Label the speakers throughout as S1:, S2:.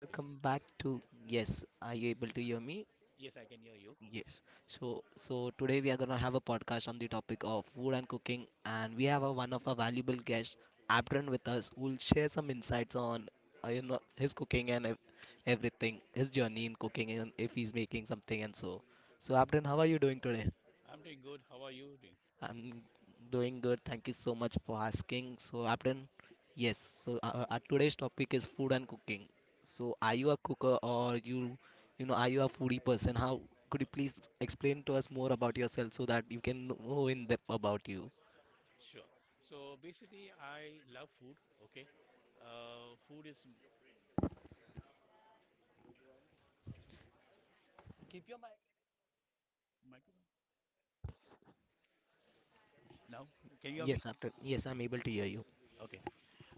S1: Hi,
S2: back to.
S1: dude.
S2: Yes. Are you able to
S1: Yeah.
S2: hear me?
S1: Yes, I can hear you.
S2: Yes. So, today we are gonna have a podcast on the topic of food and cooking, and we have
S1: Mhm.
S2: one of our valuable guests, Abdran, with us, who will share some insights on you know, his cooking and everything, his journey in cooking, and if he's making something and so. So, Abdran, how are you doing today?
S1: I'm doing good. How are you doing?
S2: I'm doing good. Thank you so much for asking. So, Abden, yes. So, today's topic is food and cooking. So, are you
S1: Right.
S2: a cooker or you know, are you a foodie person? How could
S1: Uh,
S2: you please explain to us more about yourself so that you can know in depth about you?
S1: sure. So basically, I love food. Okay. Food is my now. Can you hear me?
S2: Yes, Abden. Yes, I'm able to hear you.
S1: Okay.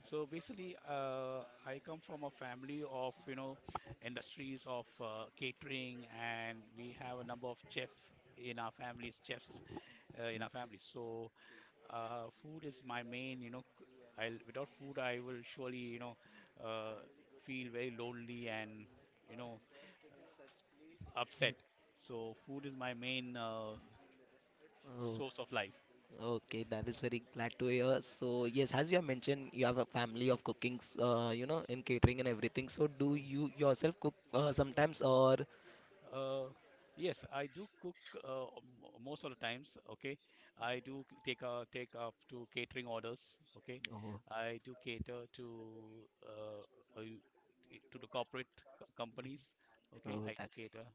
S1: So basically, I come from a family of industries of catering, and we have a number of chef in our families, chefs in our families. So food is my main, I'll without food I will surely, uh, feel very lonely and, you know, upset. So food is my main
S2: Oh,
S1: source of life.
S2: okay. That is very glad to hear. So, yes, as you have mentioned, you have a family of cookings, you know, in catering and everything. So, do you yourself cook sometimes, or?
S1: Yeah. Yes, I do cook most of the times. Okay, I do take up to catering orders. Okay,
S2: Oh.
S1: I do cater to uh, uh, the corporate companies. Okay,
S2: Oh,
S1: I do cater.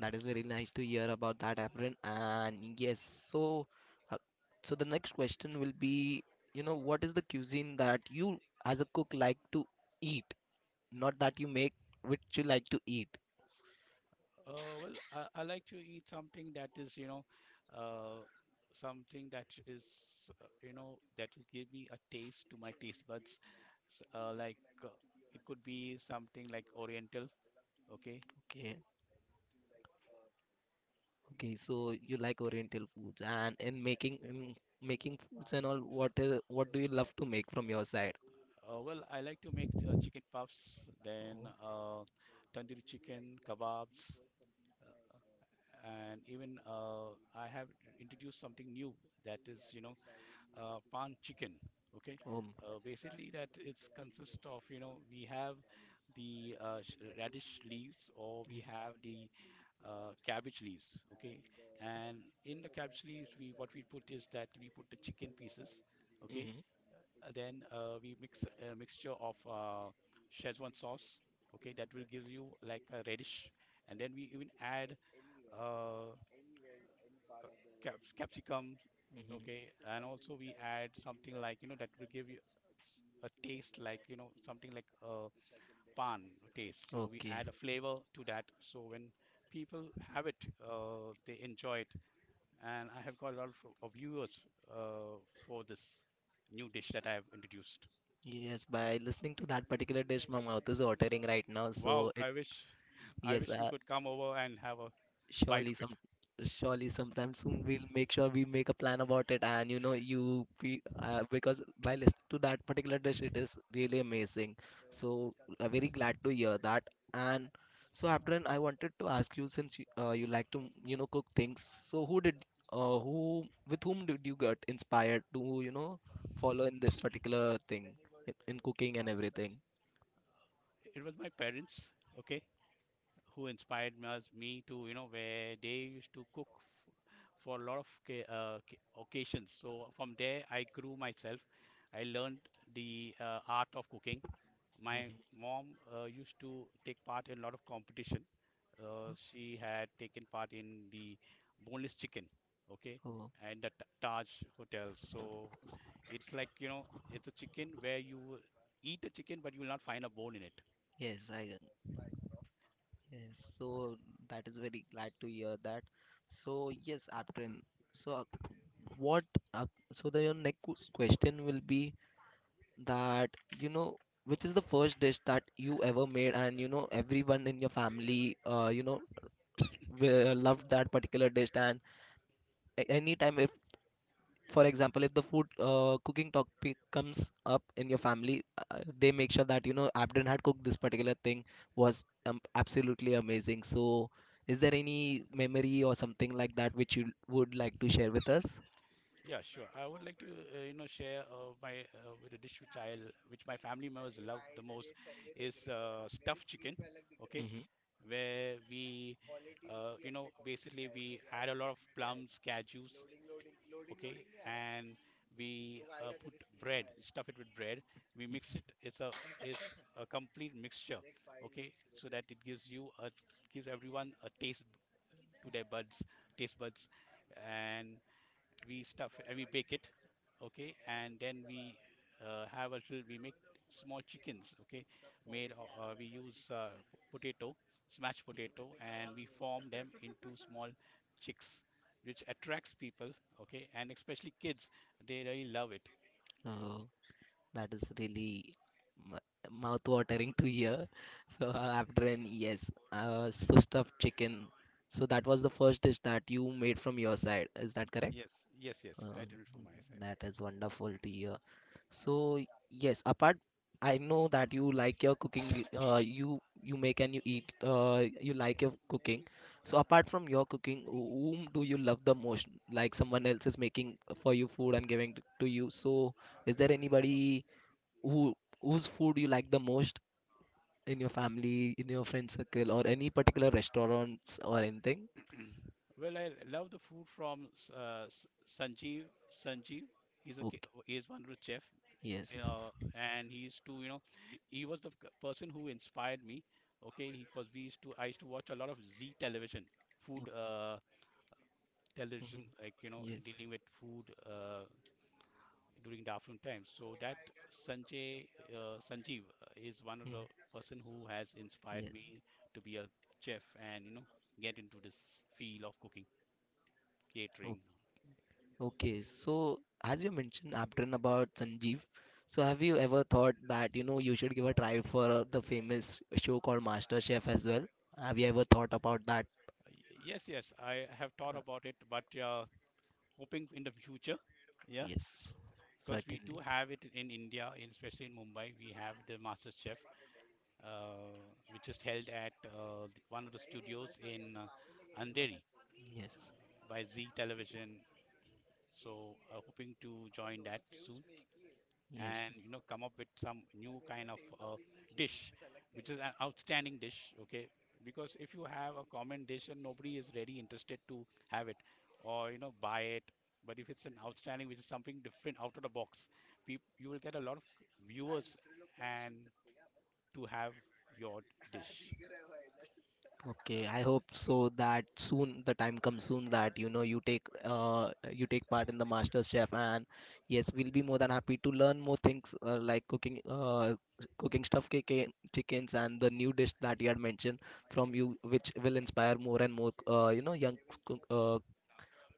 S2: that is very nice to hear about that, Apran. And yes, so uh, so the next question will be, you know, what is the cuisine that you, as a cook, like to eat? Not that you make, which you like to eat.
S1: Well, I like to eat something that is, uh, something that is, that will give me a taste to my taste buds. Like uh, it could be something like Oriental. Okay.
S2: Okay. Okay, so you like Oriental foods, and in making, in making foods and all, what is, what do you love to make from your side?
S1: Well, I like to make chicken puffs, then tandoori chicken, kebabs, uh, and even I have introduced something new that is, pan chicken. Okay,
S2: Oh, um.
S1: basically that it's consists of we have the radish leaves, or we have the cabbage leaves. Okay, and in the cabbage leaves we what we put is that we put the chicken pieces. Okay,
S2: Mhm,
S1: then we mix a mixture of Szechuan sauce. Okay, that will give you like a radish, and then we even add uh, uh, capsicums,
S2: mhm.
S1: okay, and also we add something like that will give you s- a taste like something like a pan taste. So we
S2: Okay.
S1: add a flavor to that, so when people have it, they enjoy it, and I have got a lot of viewers uh, for this new dish that I have introduced.
S2: Yes, by listening to that particular dish, my mouth is watering right now.
S1: Wow,
S2: So it,
S1: I wish I
S2: yes,
S1: wish you could come over and have a bite
S2: surely
S1: of it.
S2: some, surely sometime soon we'll make sure we make a plan about it, and you know, you, we, because by listening to that particular dish, it is really amazing. So I'm very glad to hear that. And so, Abdran, I wanted to ask you, since you, you like to, you know, cook things, so who did, who, with whom did you get inspired to, you know, follow in this particular thing, in cooking and everything?
S1: It was my parents, okay, who inspired me to, where they used to cook f- for a lot of occasions. So from there, I grew myself. I learned the art of cooking. My mom used to take part in a lot of competition. She had taken part in the boneless chicken, okay,
S2: Oh.
S1: and the Taj Hotel. So it's like, it's a chicken where you will eat a chicken, but you will not find a bone in it.
S2: Yes, I can. Yes, so that is very glad to hear that. So yes, Aptin. So what? So the your next question will be that, you know, which is the first dish that you ever made, and you know, everyone in your family, you know, will- loved that particular dish, and anytime if, for example, if the food, cooking topic comes up in your family, they
S1: Mm-hmm.
S2: make sure that you know, Abden had cooked this particular thing, was absolutely amazing. So is there any memory or something like that which you would like to share with us?
S1: Yeah, sure. I would like to, share my with a dish which which my family members love the most is stuffed chicken. Okay,
S2: Hmm.
S1: where we, basically we add a lot of plums, cashews. Okay, and we put bread, stuff it with bread. We mix it. It's a complete mixture. Okay, so that it gives everyone a taste to their taste buds, and we stuff we bake it. Okay, and then we have a little we make small chickens. Okay, we use p- potato smashed potato, and we form them into small chicks, which attracts people. Okay, and especially kids, they really love it.
S2: Oh, that is really mouth watering to hear. So Abden, yes, so stuffed chicken, so that was the first dish that you made from your side, is that correct?
S1: Yes, yes, yes, I
S2: Uh,
S1: did it for my
S2: that is wonderful to hear. So yes, apart, I know that you like your cooking. You, you make and you eat. You like your cooking. So apart from your cooking, whom do you love the most? Like, someone else is making for you food and giving to you. So is there anybody who, whose food you like the most, in your family, in your friend circle, or any particular restaurants or anything?
S1: side. Well, I love the food from Sanjeev. Sanjeev is a ki-
S2: Okay.
S1: is one of the chef
S2: Yes. Yes.
S1: and he used to you know he was the person who inspired me. Okay, because we used to I used to watch a lot of Z Television
S2: Okay.
S1: food,
S2: Mhm.
S1: television like
S2: Yes.
S1: dealing with food, during the afternoon time. So that sanjay Sanjeev is one of
S2: Mm.
S1: the person who has inspired
S2: Yes.
S1: me to be a chef, and get into this field of cooking, catering.
S2: Okay, so as you mentioned, Aptrin, about Sanjeev, so have you ever thought that you know, you should give a try for the famous show called Master Chef as well? Have you ever thought about that?
S1: Yes, yes, I have thought about it, but hoping in the future.
S2: Yes,
S1: Because we do
S2: certainly.
S1: have it in India, especially in Mumbai. We have the Master Chef, uh, which is held at one of the studios in Andheri
S2: Yes,
S1: by Z Television. So, hoping to join that soon
S2: yes.
S1: and come up with some new kind of dish, which is an outstanding dish. Okay, because if you have a common dish and nobody is really interested to have it or buy it, but if it's an outstanding which is something different out of the box, you will get a lot of viewers and to have your dish.
S2: Okay, I hope so, that soon the time comes soon that you know, you take, you take part in the Master Chef, and yes, we'll be more than happy to learn more things, like cooking, cooking stuffed chicken chickens and the new dish that you had mentioned from you, which will inspire more and more, you know, young cook- uh,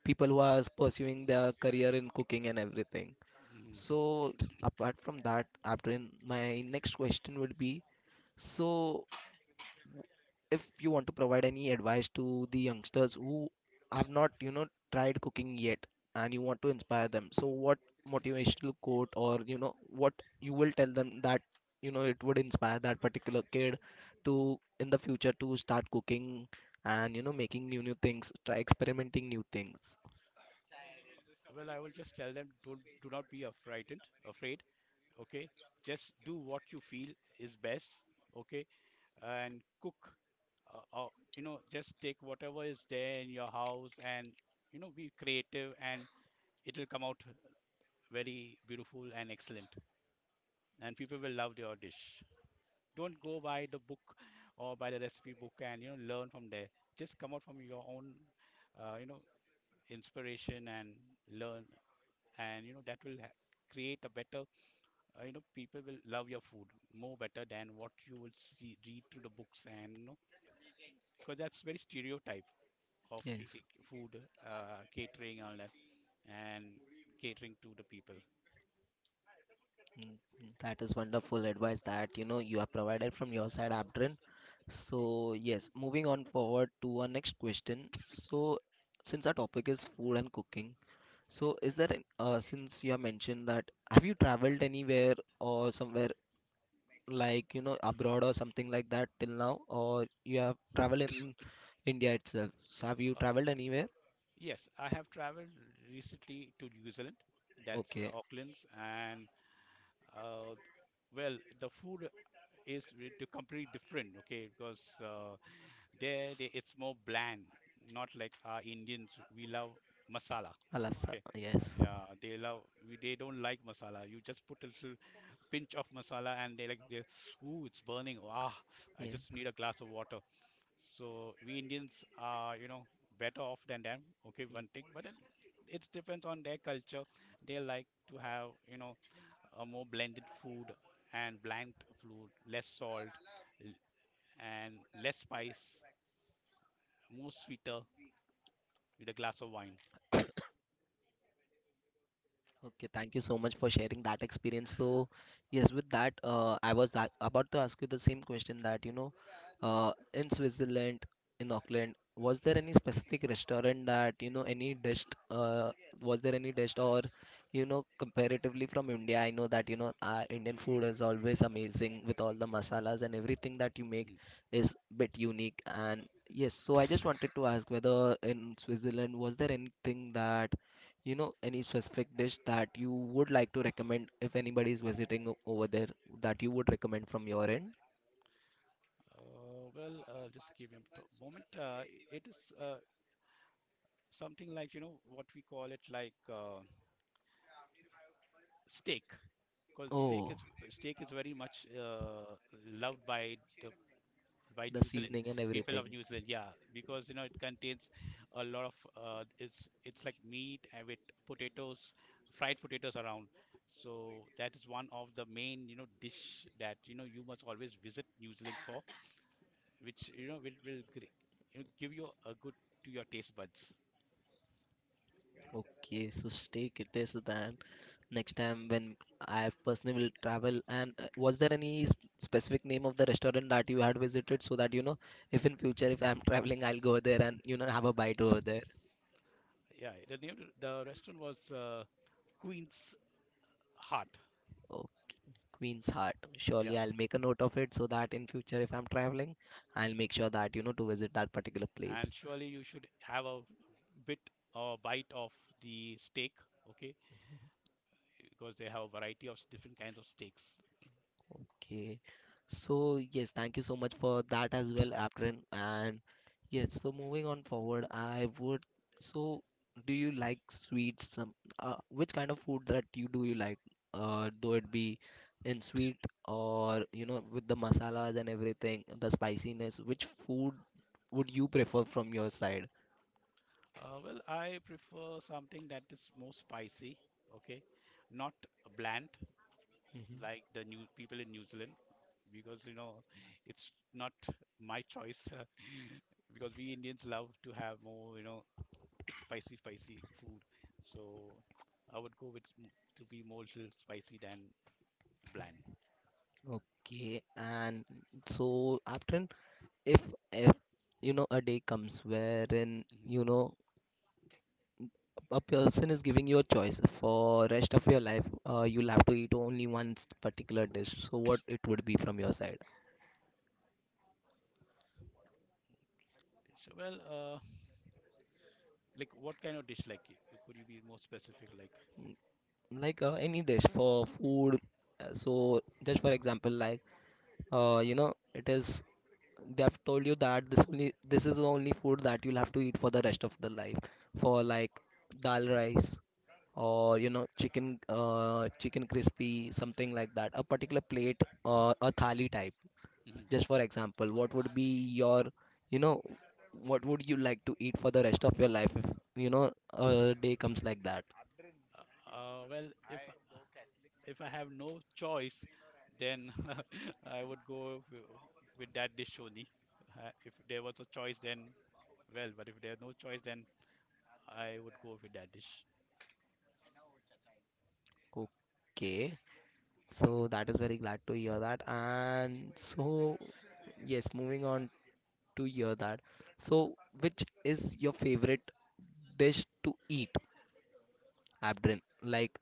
S2: people who are pursuing their career in cooking and everything.
S1: Mhm.
S2: So apart from that, after in my next question would be, so if you want to provide any advice to the youngsters who have not, you know, tried cooking yet, and you want to inspire them, so what motivational quote or, you know, what you will tell them that, you know, it would inspire that particular kid to, in the future, to start cooking, and, you know, making new things, try experimenting new things.
S1: Well, I will just tell them, don't do not be affrighted afraid. Okay, just do what you feel is best. Okay, and cook, uh, uh, just take whatever is there in your house, and be creative, and it'll come out very beautiful and excellent, and people will love your dish. Don't go by the book or by the recipe book, and learn from there. Just come out from your own uh, you know inspiration and learn, and that will create a better, people will love your food more better than what you would see read through the books, and because that's very stereotype of
S2: Yes.
S1: food, catering and all that, and catering to the people.
S2: Mm, mm, that is wonderful advice that you know, you have provided from your side, Abdrin. So yes, moving on forward to our next question. So since our topic is food and cooking, so is there an- since you have mentioned that, have you traveled anywhere or somewhere, like, you know, abroad or something like that till now, or you have traveled in India itself? So have you
S1: uh,
S2: traveled anywhere?
S1: yes, I have traveled recently to New Zealand, that's
S2: Okay.
S1: Auckland's, and uh, well, the food is completely different. Okay, because there it's more bland, not like our Indians, we love masala,
S2: Alasa,
S1: okay.
S2: yes,
S1: Yeah, they love. They don't like masala. You just put a little pinch of masala, and ooh, it's burning. Ah, I
S2: yes.
S1: just need a glass of water. So we Indians are, better off than them. Okay, one thing, but then it depends on their culture. They like to have, a more blended food and bland food, less salt, l- and less spice, more sweeter, with a glass of wine.
S2: Okay, thank you so much for sharing that experience. So, yes, with that, I was about to ask you the same question that, you know, in Switzerland, in Auckland, was there any specific restaurant that, you know, any dish, was there any dish or, you know, comparatively from India? I know that, you know, our Indian food is always amazing with all the masalas and everything that you make
S1: Mhm.
S2: is bit unique. And yes, so I just wanted to ask whether in Switzerland, was there anything that, you know, any specific dish that you would like to recommend if anybody is visiting over there, that you would recommend from your end?
S1: Well, just give me a moment. It is something like what we call it like steak. Because
S2: Oh,
S1: steak is very much loved by the by
S2: the
S1: New Zealand,
S2: seasoning and
S1: people of
S2: everything.
S1: New Zealand. Yeah, because it contains a lot of it's like meat and with potatoes fried potatoes around. So that is one of the main dish that you must always visit New Zealand for, which will give you a good to your taste buds.
S2: Okay, so steak it is then. Next time when I personally will travel, and was there any specific name of the restaurant that you had visited, so that you know, if in future, if I'm traveling, I'll go there and you know, have a bite over there.
S1: Yeah, the name of the restaurant was Queen's Heart.
S2: Oh, Queen's Heart.
S1: Yeah,
S2: Surely I'll make a note of it so that in future, if I'm traveling, I'll make sure that you know, to visit that particular
S1: and
S2: place.
S1: surely you should have a bit bite of the steak, okay? Because they have a variety of different kinds of steaks.
S2: Okay. So yes, thank you so much for that as well, Aprin. And yes, so moving on forward, I would. So, do you like sweets? Some which kind of food that you, do you like? Do it be in sweet, or you know, with the masalas and everything, the spiciness. Which food would you prefer from your side?
S1: Well, I prefer something that is more spicy, okay? Not bland
S2: Mhm.
S1: like the new people in New Zealand, because it's not my choice. Because we Indians love to have more, spicy, spicy food. So I would go with to be more little spicy than bland.
S2: Okay, and so after, if if you know, a day comes wherein
S1: Hmm.
S2: you know, a person is giving you a choice for rest of your life, you'll have to eat only one particular dish, so what it would be from your side?
S1: So, well, like what kind of dish? Like, could you be more specific? Like,
S2: Like any dish for food, so just for example, like you know, it is, they have told you that this only, this is the only food that you'll have to eat for the rest of the life, for like dal rice, or you know, chicken, chicken crispy, something like that, a particular plate or a thali type.
S1: mhm.
S2: Just for example, what would be your, you know, what would you like to eat for the rest of your life if, you know, a day comes like that?
S1: Well, if I have no choice, then I would go with that dish only. If there was a choice, then, well, but if there's no choice, then I would go with that dish.
S2: Okay. So that is very glad to hear that. And so, yes, moving on to hear that. So, which is your favorite dish to eat, Abdrin? Like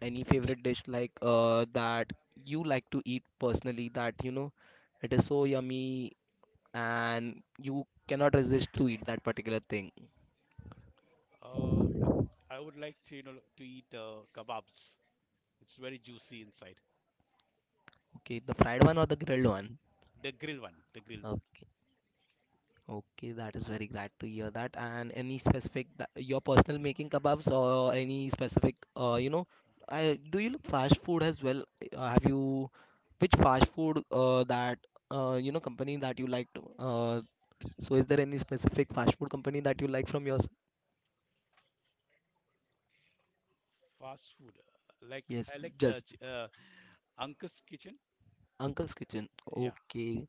S2: any favorite dish, like that you like to eat personally, that you know, it is so yummy and you cannot resist to eat that particular thing.
S1: Uh, k- I would like to, eat kebabs. It's very juicy inside.
S2: Okay, the fried one or the grilled one?
S1: The grill one, the grill one.
S2: Okay, okay, that is very glad to hear that. And any specific that, your personal making kebabs, or any specific, you know, I do, you look fast food as well? Have you, which fast food, that you know, company that you like to? So is there any specific fast food company that you like from yours?
S1: Fast food, like
S2: Yes,
S1: I like
S2: just
S1: Uncle's Kitchen.
S2: Uncle's Kitchen.
S1: Yeah.
S2: Okay,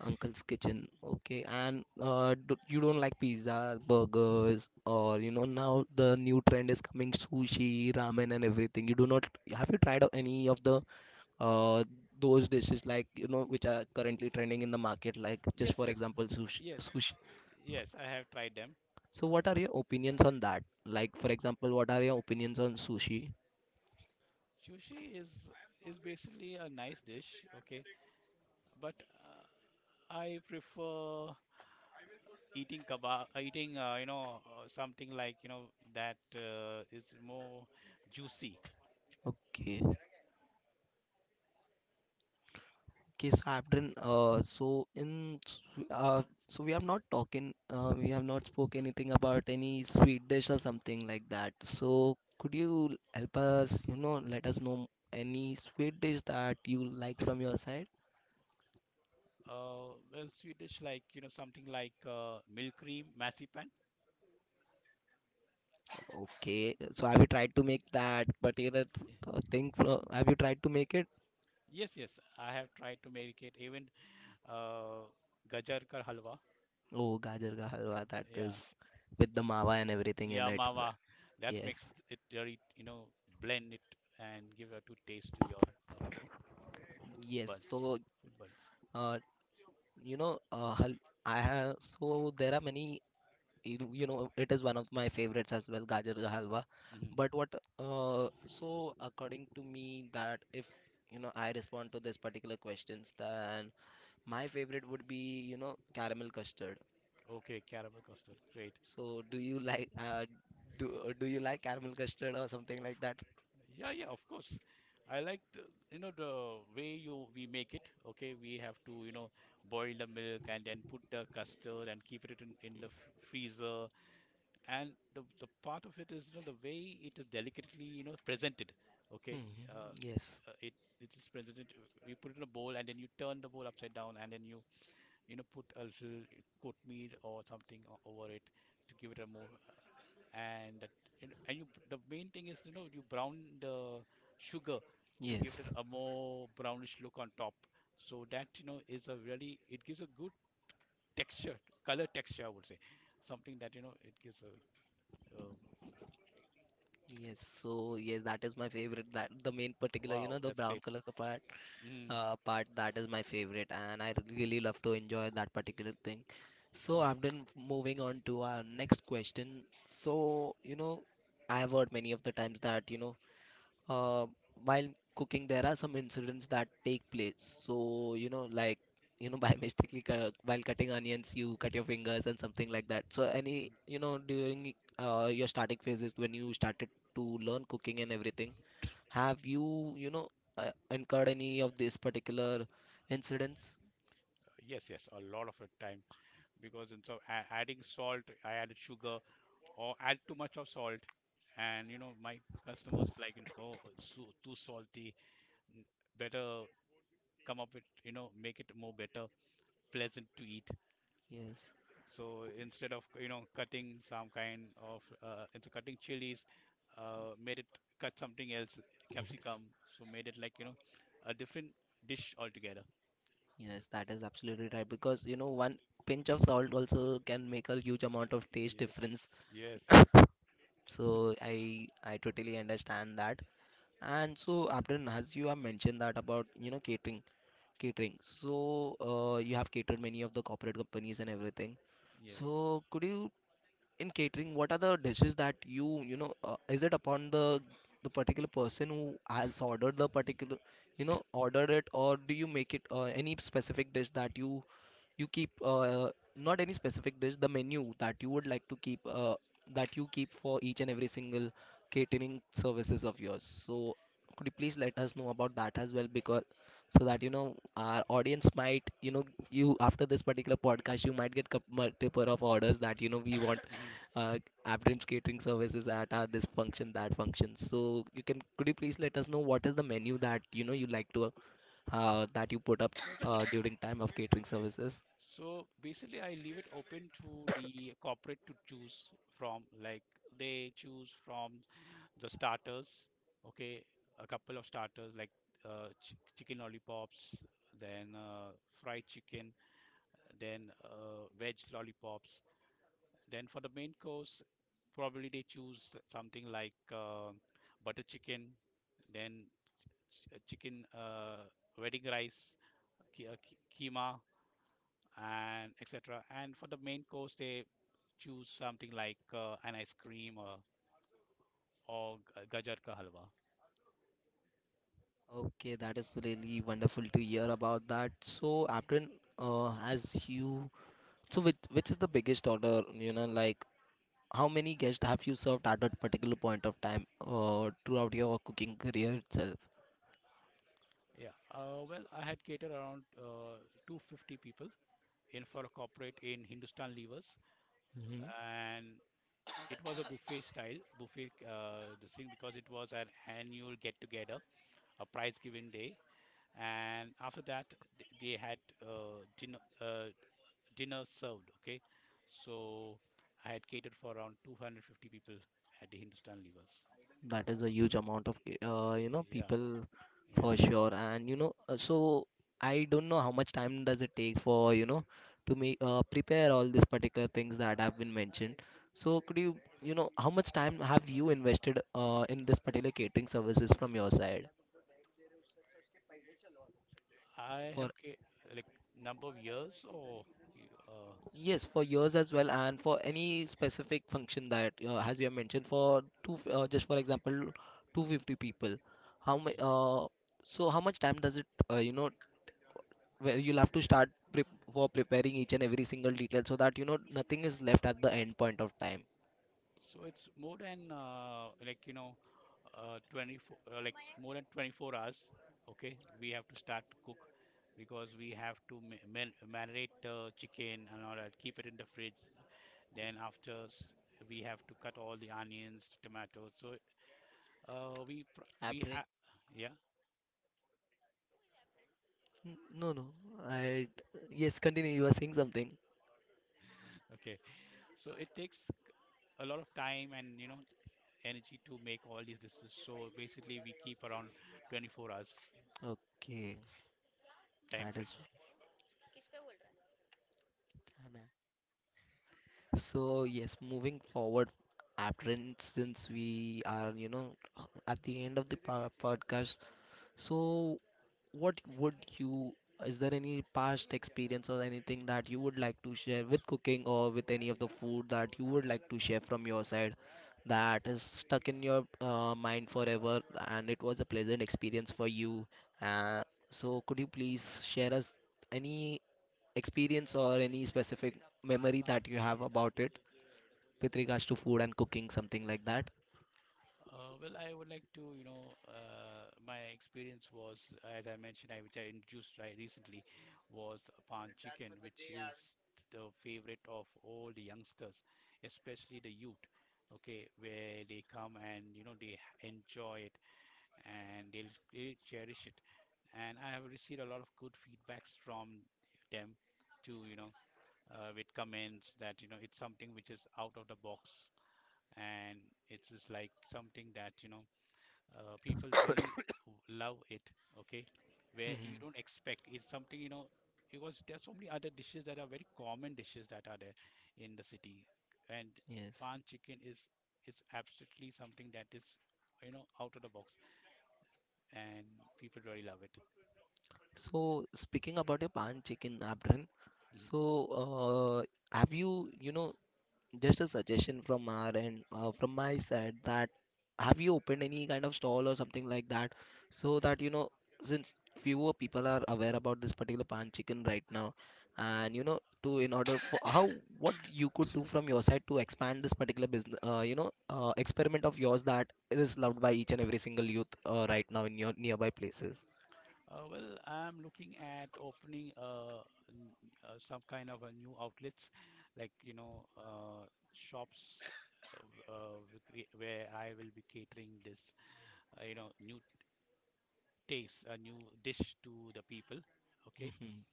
S2: Uncle's Kitchen. Okay, and do, you don't like pizza, burgers, or you know, now the new trend is coming, sushi, ramen, and everything. You do not, have you tried any of the uh those dishes, like you know, which are currently trending in the market, like just
S1: Yes,
S2: for
S1: yes,
S2: example, sushi.
S1: yes,
S2: Sushi.
S1: yes. I have tried them.
S2: So what are your opinions on that? Like for example, what are your opinions on sushi?
S1: Sushi is basically a nice dish, okay, but uh, I prefer eating kebab, eating something like that is more juicy.
S2: Okay. Okay, so I've done. Uh, so in s- uh, so we have not talking, we have not spoke anything about any sweet dish or something like that. So could you help us, you know, let us know any sweet dish that you like from your side?
S1: Well, sweet dish like something like milk cream, massipan.
S2: Okay, so have you tried to make that particular thing from, have you tried to make it?
S1: Yes, yes, I have tried to make it, even uh, gajar ka halwa.
S2: Oh, gajar ka halwa, that
S1: Uh, yeah,
S2: is with the mawa and everything in
S1: yeah,
S2: it.
S1: mawa. That makes
S2: Yes,
S1: it very, blend it and give a good taste to your
S2: yes.
S1: buds,
S2: So,
S1: food buds.
S2: uh, you know, hal I have, so there are many, you know, it is one of my favorites as well, gajar ka halwa.
S1: Hmm.
S2: But what uh, so according to me, that if you know I respond to this particular questions, then my favorite would be, you know, caramel custard.
S1: Okay, caramel custard, great.
S2: So do you like do do you like caramel custard or something
S1: Of
S2: like that?
S1: Yeah, yeah, of course. I like the way you we make it. Okay, we have to boil the milk and then put the custard and keep it in the freezer, and the part of it is, you know, the way it is delicately, you know, presented. okay
S2: Hmm,
S1: uh,
S2: yes,
S1: uh, it it is presented. You put it in a bowl and then you turn the bowl upside down and then you know put a little coat meat or something over it to give it a more and you know, and you, the main thing is, you know, you brown the sugar to give
S2: yes.
S1: it a more brownish look on top. So that, you know, is a really, it gives a good texture, color texture, I would say. Something that, you know, it gives a,
S2: Yes so yes that is my favorite, that the main particular, you
S1: Wow,
S2: know, the
S1: that's
S2: brown
S1: great.
S2: color
S1: Mm,
S2: part, that is my favorite and I really love to enjoy that particular thing. So
S1: mm,
S2: I've been Moving on to our next question, so you know, I have heard many of the times that you know, uh, while cooking there are some incidents that take place. So you know, like, you know, by mistakenly while cutting onions you cut your fingers and something like that. So any,
S1: mm.
S2: you know, during your starting phases when you started to learn cooking and everything, have you, you know, incurred any of these particular incidents?
S1: Yes, yes, a lot of your time because in so adding salt, I added sugar or add too much of salt, and you know my customers like it, oh it's so, too salty. N- Better come up with, you know, make it more better, pleasant to eat.
S2: Yes,
S1: So instead of, you know, cutting some kind of, instead cutting chilies, made it, cut something else,
S2: yes,
S1: capsicum. So made it like, you know, a different dish altogether.
S2: yes, that is absolutely right. Because, you know, one pinch of salt also can make a huge amount of taste
S1: Yes,
S2: difference.
S1: yes, yes,
S2: So I totally understand that. And so, Abdul, as you have mentioned that about, you know, catering. So, you have catered many of the corporate companies and everything.
S1: yes.
S2: So, could you, in catering, what are the dishes that you know, is it upon the particular person who has ordered the particular, you know, ordered it, or do you make it, any specific dish that you keep, not any specific dish, the menu that you would like to keep, that you keep for each and every single catering services of yours. So could you please let us know about that as well? Because so that you know our audience might, you know, you, after this particular podcast, you might get multiple of orders, that you know, we want
S1: Hmm.
S2: uh Abdin's catering services at, this function, that function. So you can, could you please let us know what is the menu that, you know, you like to, that you put up, during time of catering services?
S1: So basically, I leave it open to the corporate to choose from. Like, they choose from the starters, okay, a couple of starters like ch chicken lollipops, then fried chicken, then veg lollipops. Then for the main course, probably they choose something like butter chicken, then ch chicken, wedding rice, ki- uh, ki- keema, and etc. And for the main course, they choose something like an ice cream or gajar ka halwa.
S2: Okay, that is really wonderful to hear about that. So, Aprin, as you, so with which is the biggest order, you know, like how many guests have you served at that particular point of time, throughout your cooking career itself?
S1: Yeah. Well, I had catered around 250 people in, for a corporate in Hindustan Levers, and it was a buffet style buffet, this thing, because it was an annual get together, a prize giving day, and after that they had dinner, dinner served. Okay, so I had catered for around 250 people at the Hindustan Levers.
S2: That is a huge amount of, you know,
S1: Yeah,
S2: people for
S1: yeah.
S2: sure. And you know, so I don't know how much time does it take for, you know, to make, prepare all these particular things that have been mentioned. So could you, you know, how much time have you invested, in this particular catering services from your side
S1: I have
S2: for,
S1: ca- like, number of years or you- uh,
S2: yes, for yours as well, and for any specific function that, as you have mentioned, for just for example 250 people, how much,
S1: mhm.
S2: so how much time does it, you know, where you'll have to start prep for preparing each and every single detail, so that you know nothing is left at the end point of time.
S1: So it's more than like you know 24, like more than 24 hours. Okay, we have to start to cook because we have to marinate the chicken and all that, keep it in the fridge. Then we have to cut all the onions, tomatoes. So we
S2: Abrin.
S1: have, yeah,
S2: N- No, no. I, yes, continue. You were saying something.
S1: okay, so it takes a lot of time and, you know, energy to make all these decisions. So basically we keep around 24 hours
S2: Okay.
S1: time
S2: That
S1: frame.
S2: is so. Yes, moving forward. After since
S1: Mm.
S2: we are, you know, at the end of the podcast. So, what would you, is there any past experience or anything that you would like to share with cooking or with any of the food that you would like to share from your side, that is stuck in your mind forever and it was a pleasant experience for you? Uh, so, could you please share us any experience or any specific memory that you have about it with regards to food and cooking, something like that?
S1: Well, I would like to, you know, my experience was, as I mentioned, which I introduced right recently, was pan chicken, which is the favorite of all the youngsters, especially the youth. Okay, where they come and you know they enjoy, and they cherish it. And I have received a lot of good feedbacks from them too, you know, with comments that, you know, it's something which is out of the box, and it's just like something that, you know, people really love it, okay? Where you
S2: Hmm.
S1: don't expect it's something, you know, because there are so many other dishes that are very common dishes that are there in the city. And
S2: Yes.
S1: pan chicken is absolutely something that is, you know, out of the box, and people really love it.
S2: So speaking about your pan chicken, Abdran,
S1: Mhm,
S2: so have you, you know, just a suggestion from our end, from my side, that have you opened any kind of stall or something like that, so that you know, since fewer people are aware about this particular pan chicken right now,
S1: mhm.
S2: and you know, to in order for how, what you could do from your side to expand this particular business, you know, experiment of yours that is loved by each and every single youth, right now in your nearby places.
S1: Well, I'm looking at opening n- some kind of a new outlets, like you know, shops, where I will be catering this, you know, new taste, a new dish to the people. Okay,
S2: Mhm.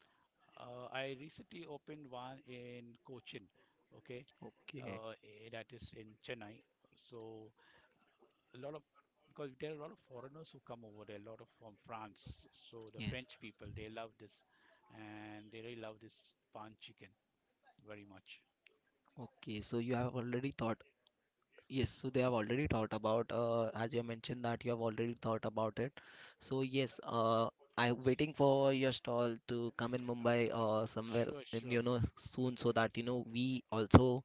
S1: I recently opened one in Cochin. Okay,
S2: Okay.
S1: that is in Chennai. So a lot of, because there are a lot of foreigners who come over there, a lot of from France. So the
S2: Yes.
S1: French people, they love this, and they really love this pan chicken very much.
S2: Okay, so you have already thought, yes, so they have already thought about, as you have mentioned that you have already thought about it. So yes, I'm waiting for your stall to come in Mumbai or somewhere,
S1: Sure,
S2: in,
S1: sure.
S2: you know, soon, so that, you know, we also,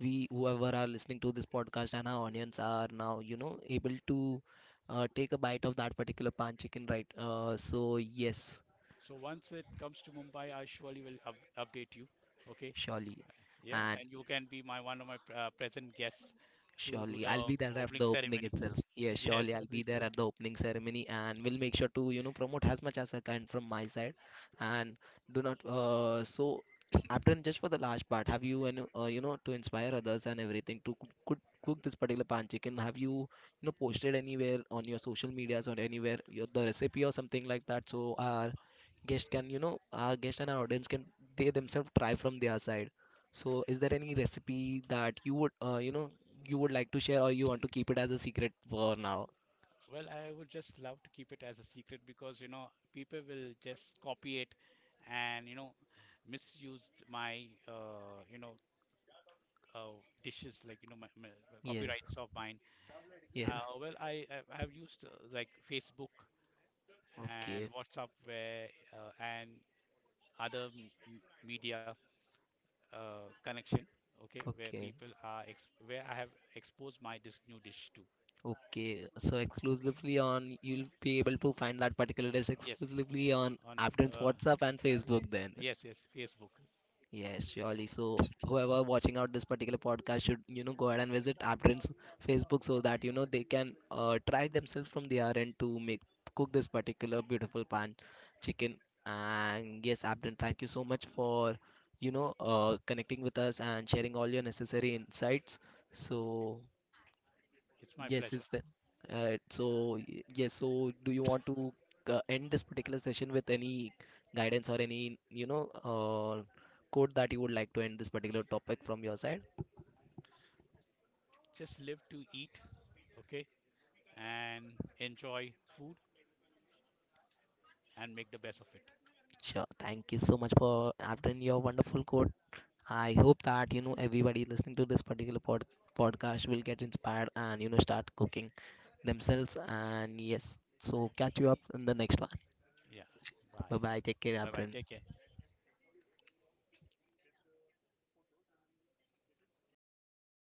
S2: we whoever are listening to this podcast and our audience are now, you know, able to, take a bite of that particular pan chicken, right? So yes,
S1: So once it comes to Mumbai, I surely will up update you. Okay,
S2: surely.
S1: yeah,
S2: And
S1: and you can be my one of my pr- present guests to do
S2: surely, I'll
S1: the
S2: be there at
S1: opening
S2: the opening
S1: ceremony.
S2: itself. Yes,
S1: Yes,
S2: surely I'll
S1: opening
S2: be there
S1: ceremony.
S2: at the opening ceremony and we'll make sure to, you know, promote as much as I can from my side. And do not, so Apron, just for the last part, have you, and you know, to inspire others and everything to cook, cook this particular pan chicken, have you, you know, posted anywhere on your social medias or anywhere your, the recipe or something like that? So our guest can, you know, our guest and our audience can, they themselves try from their side. So, is there any recipe that you would, you know, you would like to share or you want to keep it as a secret for now?
S1: Well, I would just love to keep it as a secret because, you know, people will just copy it and, you know, misused my, you know, dishes like, you know, my
S2: Yes,
S1: copyrights of mine.
S2: yes.
S1: Well, I have used like Facebook and
S2: Okay,
S1: WhatsApp, where and other media, connection, okay, where
S2: okay,
S1: people are ex where I have exposed my dis new dish to.
S2: okay. So exclusively on, you'll be able to find that particular dish
S1: Yes,
S2: exclusively on
S1: on f-
S2: Abdon's
S1: uh,
S2: WhatsApp and Facebook then.
S1: yes, yes, Facebook.
S2: Yes, surely. So whoever watching out this particular podcast should, you know, go ahead and visit Aptrin's Facebook, so that, you know, they can try themselves from their end to make cook this particular beautiful pan chicken. And yes, Aptrin, thank you so much for, you know, connecting with us and sharing all your necessary insights.
S1: Mm.
S2: So
S1: It's my
S2: yes,
S1: pleasure.
S2: is the so yes. So do you want to, end this particular session with any guidance or any, you know, quote that you would like to end this particular topic from your side?
S1: Just live to eat, okay? And enjoy food and make the best of it.
S2: Sure. Thank you so much for having your wonderful quote. I hope that you know everybody listening to this particular podcast will get inspired and you know start cooking themselves. And yes, so catch you up in the next one.
S1: Yeah. Bye.
S2: Bye bye. Take care,
S1: Bye bye.
S2: Abdul.
S1: Take care.